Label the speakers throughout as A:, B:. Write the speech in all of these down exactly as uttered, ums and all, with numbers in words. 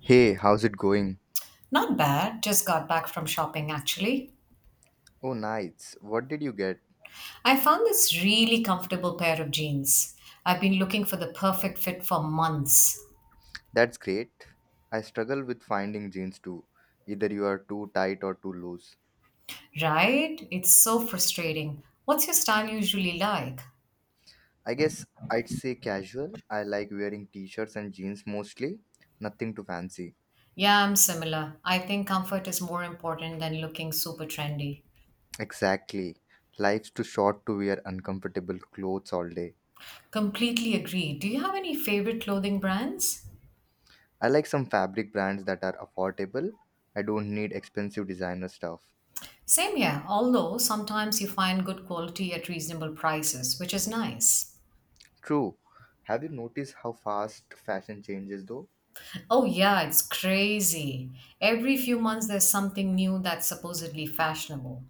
A: Hey, how's it going?
B: Not bad. Just got back from shopping actually.
A: Oh, nice. What did you get?
B: I found this really comfortable pair of jeans. I've been looking for the perfect fit for months.
A: That's great. I struggle with finding jeans too. Either you are too tight or too loose.
B: Right? It's so frustrating. What's your style usually like?
A: I guess I'd say casual. I like wearing t shirts and jeans mostly. Nothing too fancy.
B: Yeah, I'm similar. I think comfort is more important than looking super trendy.
A: Exactly. Life's too short to wear uncomfortable clothes all day.
B: Completely agree. Do you have any favorite clothing brands?
A: I like some fabric brands that are affordable. I don't need expensive designer stuff.
B: Same here, although sometimes you find good quality at reasonable prices, which is nice.
A: True. Have you noticed how fast fashion changes though?
B: Oh, yeah, it's crazy. Every few months there's something new that's supposedly fashionable.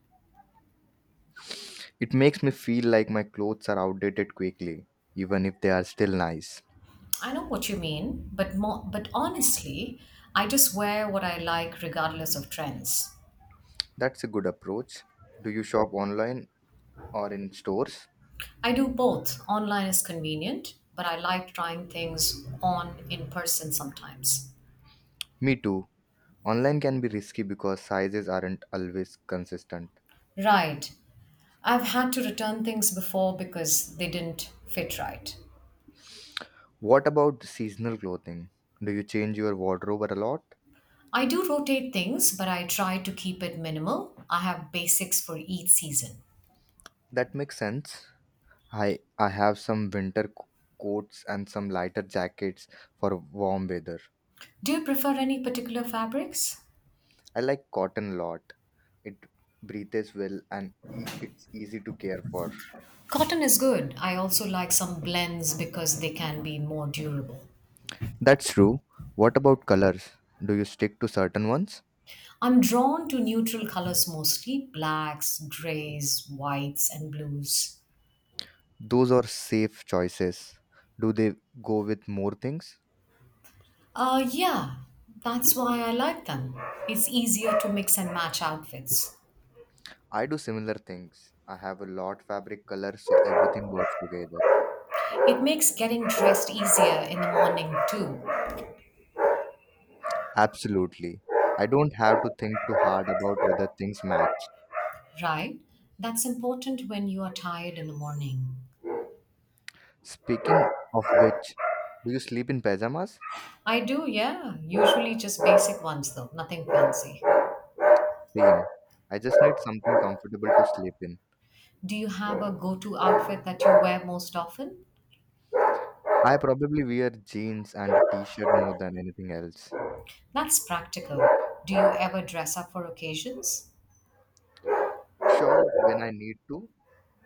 A: It makes me feel like my clothes are outdated quickly, even if they are still nice.
B: I know what you mean, but more, but honestly, I just wear what I like regardless of trends.
A: That's a good approach. Do you shop online or in stores?
B: I do both. Online is convenient, but I like trying things on in person sometimes.
A: Me too. Online can be risky because sizes aren't always consistent.
B: Right. I've had to return things before because they didn't fit right.
A: What about seasonal clothing? Do you change your wardrobe a lot?
B: I do rotate things, but I try to keep it minimal. I have basics for each season.
A: That makes sense. I I have some winter co- coats and some lighter jackets for warm weather.
B: Do you prefer any particular fabrics?
A: I like cotton a lot. It breathes well and e- it's easy to care for.
B: Cotton is good. I also like some blends because they can be more durable.
A: That's true. What about colors? Do you stick to certain ones?
B: I'm drawn to neutral colors mostly blacks, grays, whites, and blues.
A: Those are safe choices. Do they go with more things?
B: Uh, yeah, that's why I like them. It's easier to mix and match outfits.
A: I do similar things. I have a lot fabric color so everything works together.
B: It makes getting dressed easier in the morning, too,
A: Absolutely. I don't have to think too hard about whether things match.
B: right? That's important when you are tired in the morning.
A: Speaking of which, do you sleep in pajamas?
B: I do, yeah. Usually just basic ones, though, nothing fancy.
A: Same. I just need something comfortable to sleep in.
B: Do you have a go to outfit that you wear most often?
A: I probably wear jeans and a t-shirt more than anything else.
B: That's practical. Do you ever dress up for occasions?
A: Sure, when I need to,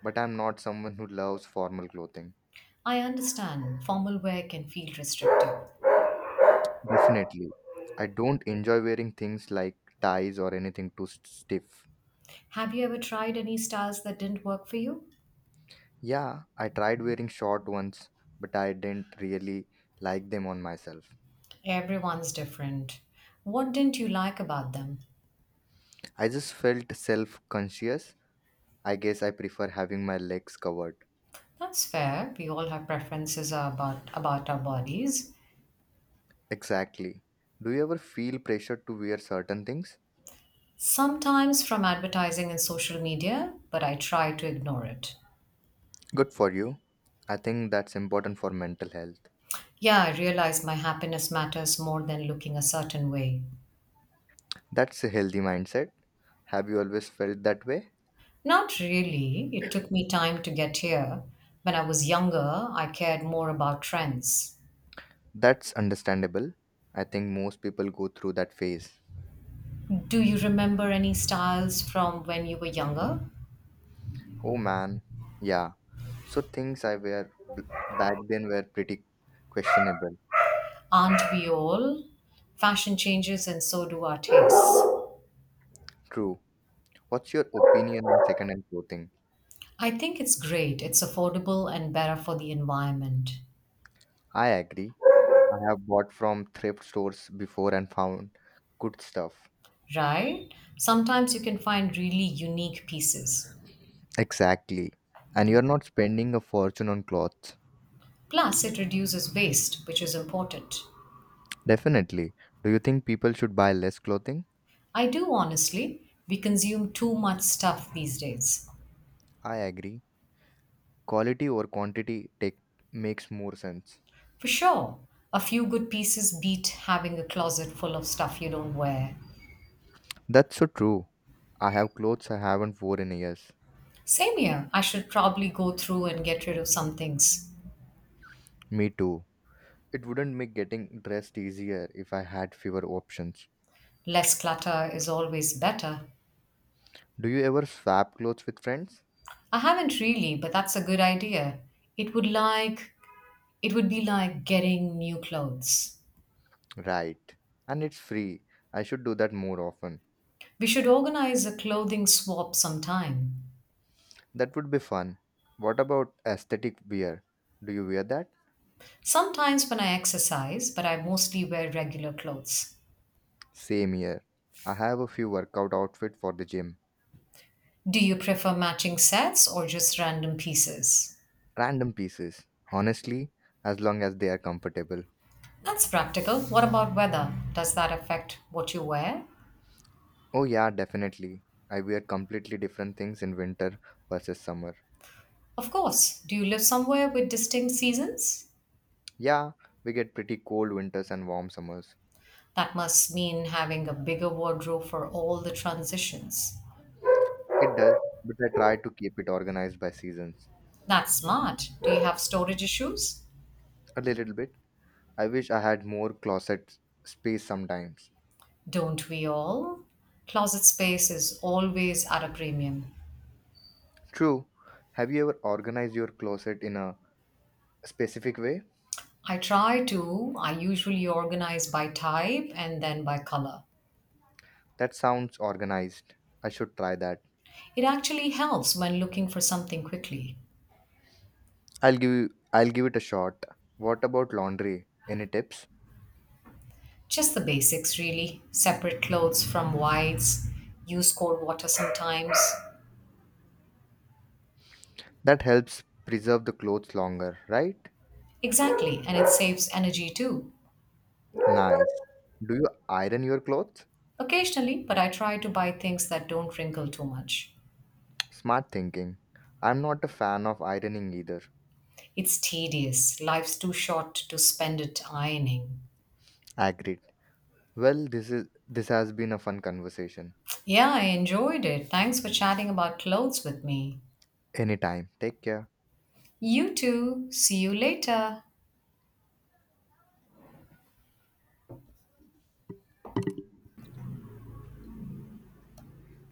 A: but I'm not someone who loves formal clothing.
B: I understand formal wear can feel restrictive.
A: Definitely. I don't enjoy wearing things like ties or anything too st- stiff.
B: Have you ever tried any styles that didn't work for you?
A: Yeah, I tried wearing short ones, but I didn't really like them on myself.
B: Everyone's different. What didn't you like about them?
A: I just felt self conscious. I guess I prefer having my legs covered.
B: That's fair. We all have preferences about, about our bodies.
A: Exactly. Do you ever feel pressure to wear certain things?
B: Sometimes from advertising and social media, but I try to ignore it.
A: Good for you. I think that's important for mental health.
B: Yeah, I realize my happiness matters more than looking a certain way.
A: That's a healthy mindset. Have you always felt that way?
B: Not really. It took me time to get here. When I was younger, I cared more about trends.
A: That's understandable. I think most people go through that phase.
B: Do you remember any styles from when you were younger?
A: Oh man, yeah. So things I wear b- back then were pretty questionable.
B: Aren't we all? Fashion changes and so do our tastes.
A: True. What's your opinion on second-hand clothing?
B: I think it's great. It's affordable and better for the environment,
A: I agree. I have bought from thrift stores before and found good stuff.
B: right? Sometimes you can find really unique pieces.
A: Exactly. And you're not spending a fortune on clothes.
B: Plus, it reduces waste, which is important.
A: Definitely. Do you think people should buy less clothing?
B: I do honestly. We consume too much stuff these days.
A: I agree. Quality over quantity take makes more sense.
B: For sure. A few good pieces beat having a closet full of stuff you don't wear.
A: That's so true. I have clothes I haven't worn in years.
B: Same here. I should probably go through and get rid of some things.
A: Me too. It wouldn't make getting dressed easier if I had fewer options.
B: Less clutter is always better.
A: Do you ever swap clothes with friends?
B: I haven't really, but that's a good idea. It would like it would be like getting new clothes.
A: Right. And it's free. I should do that more often.
B: We should organize a clothing swap sometime.
A: That would be fun. What about aesthetic wear? Do you wear that?
B: Sometimes when I exercise, but I mostly wear regular clothes.
A: Same here. I have a few workout outfit for the gym.
B: Do you prefer matching sets or just random pieces?
A: Random pieces. Honestly, as long as they are comfortable.
B: That's practical. What about weather? Does that affect what you wear?
A: Oh yeah, definitely. I wear completely different things in winter versus summer.
B: Of course. Do you live somewhere with distinct seasons?
A: Yeah, we get pretty cold winters and warm summers.
B: That must mean having a bigger wardrobe for all the transitions.
A: It does, but I try to keep it organized by seasons.
B: That's smart. Do you have storage issues?
A: A little bit. I wish I had more closet space sometimes.
B: Don't we all? Closet space is always at a premium.
A: True. Have you ever organized your closet in a specific way?
B: I try to. I usually organize by type and then by color.
A: That sounds organized. I should try that.
B: It actually helps when looking for something quickly.
A: I'll give you, I'll give it a shot. What about laundry? Any tips?
B: Just the basics, really. Separate clothes from whites, use cold water sometimes.
A: That helps preserve the clothes longer, right?
B: Exactly, and it saves energy too.
A: Nice. Do you iron your clothes?
B: Occasionally, but I try to buy things that don't wrinkle too much.
A: Smart thinking. I'm not a fan of ironing either.
B: It's tedious. Life's too short to spend it ironing.
A: Agreed. Well, this is this has been a fun conversation.
B: Yeah, I enjoyed it. Thanks for chatting about clothes with me.
A: Anytime. Take care.
B: You too. See you later.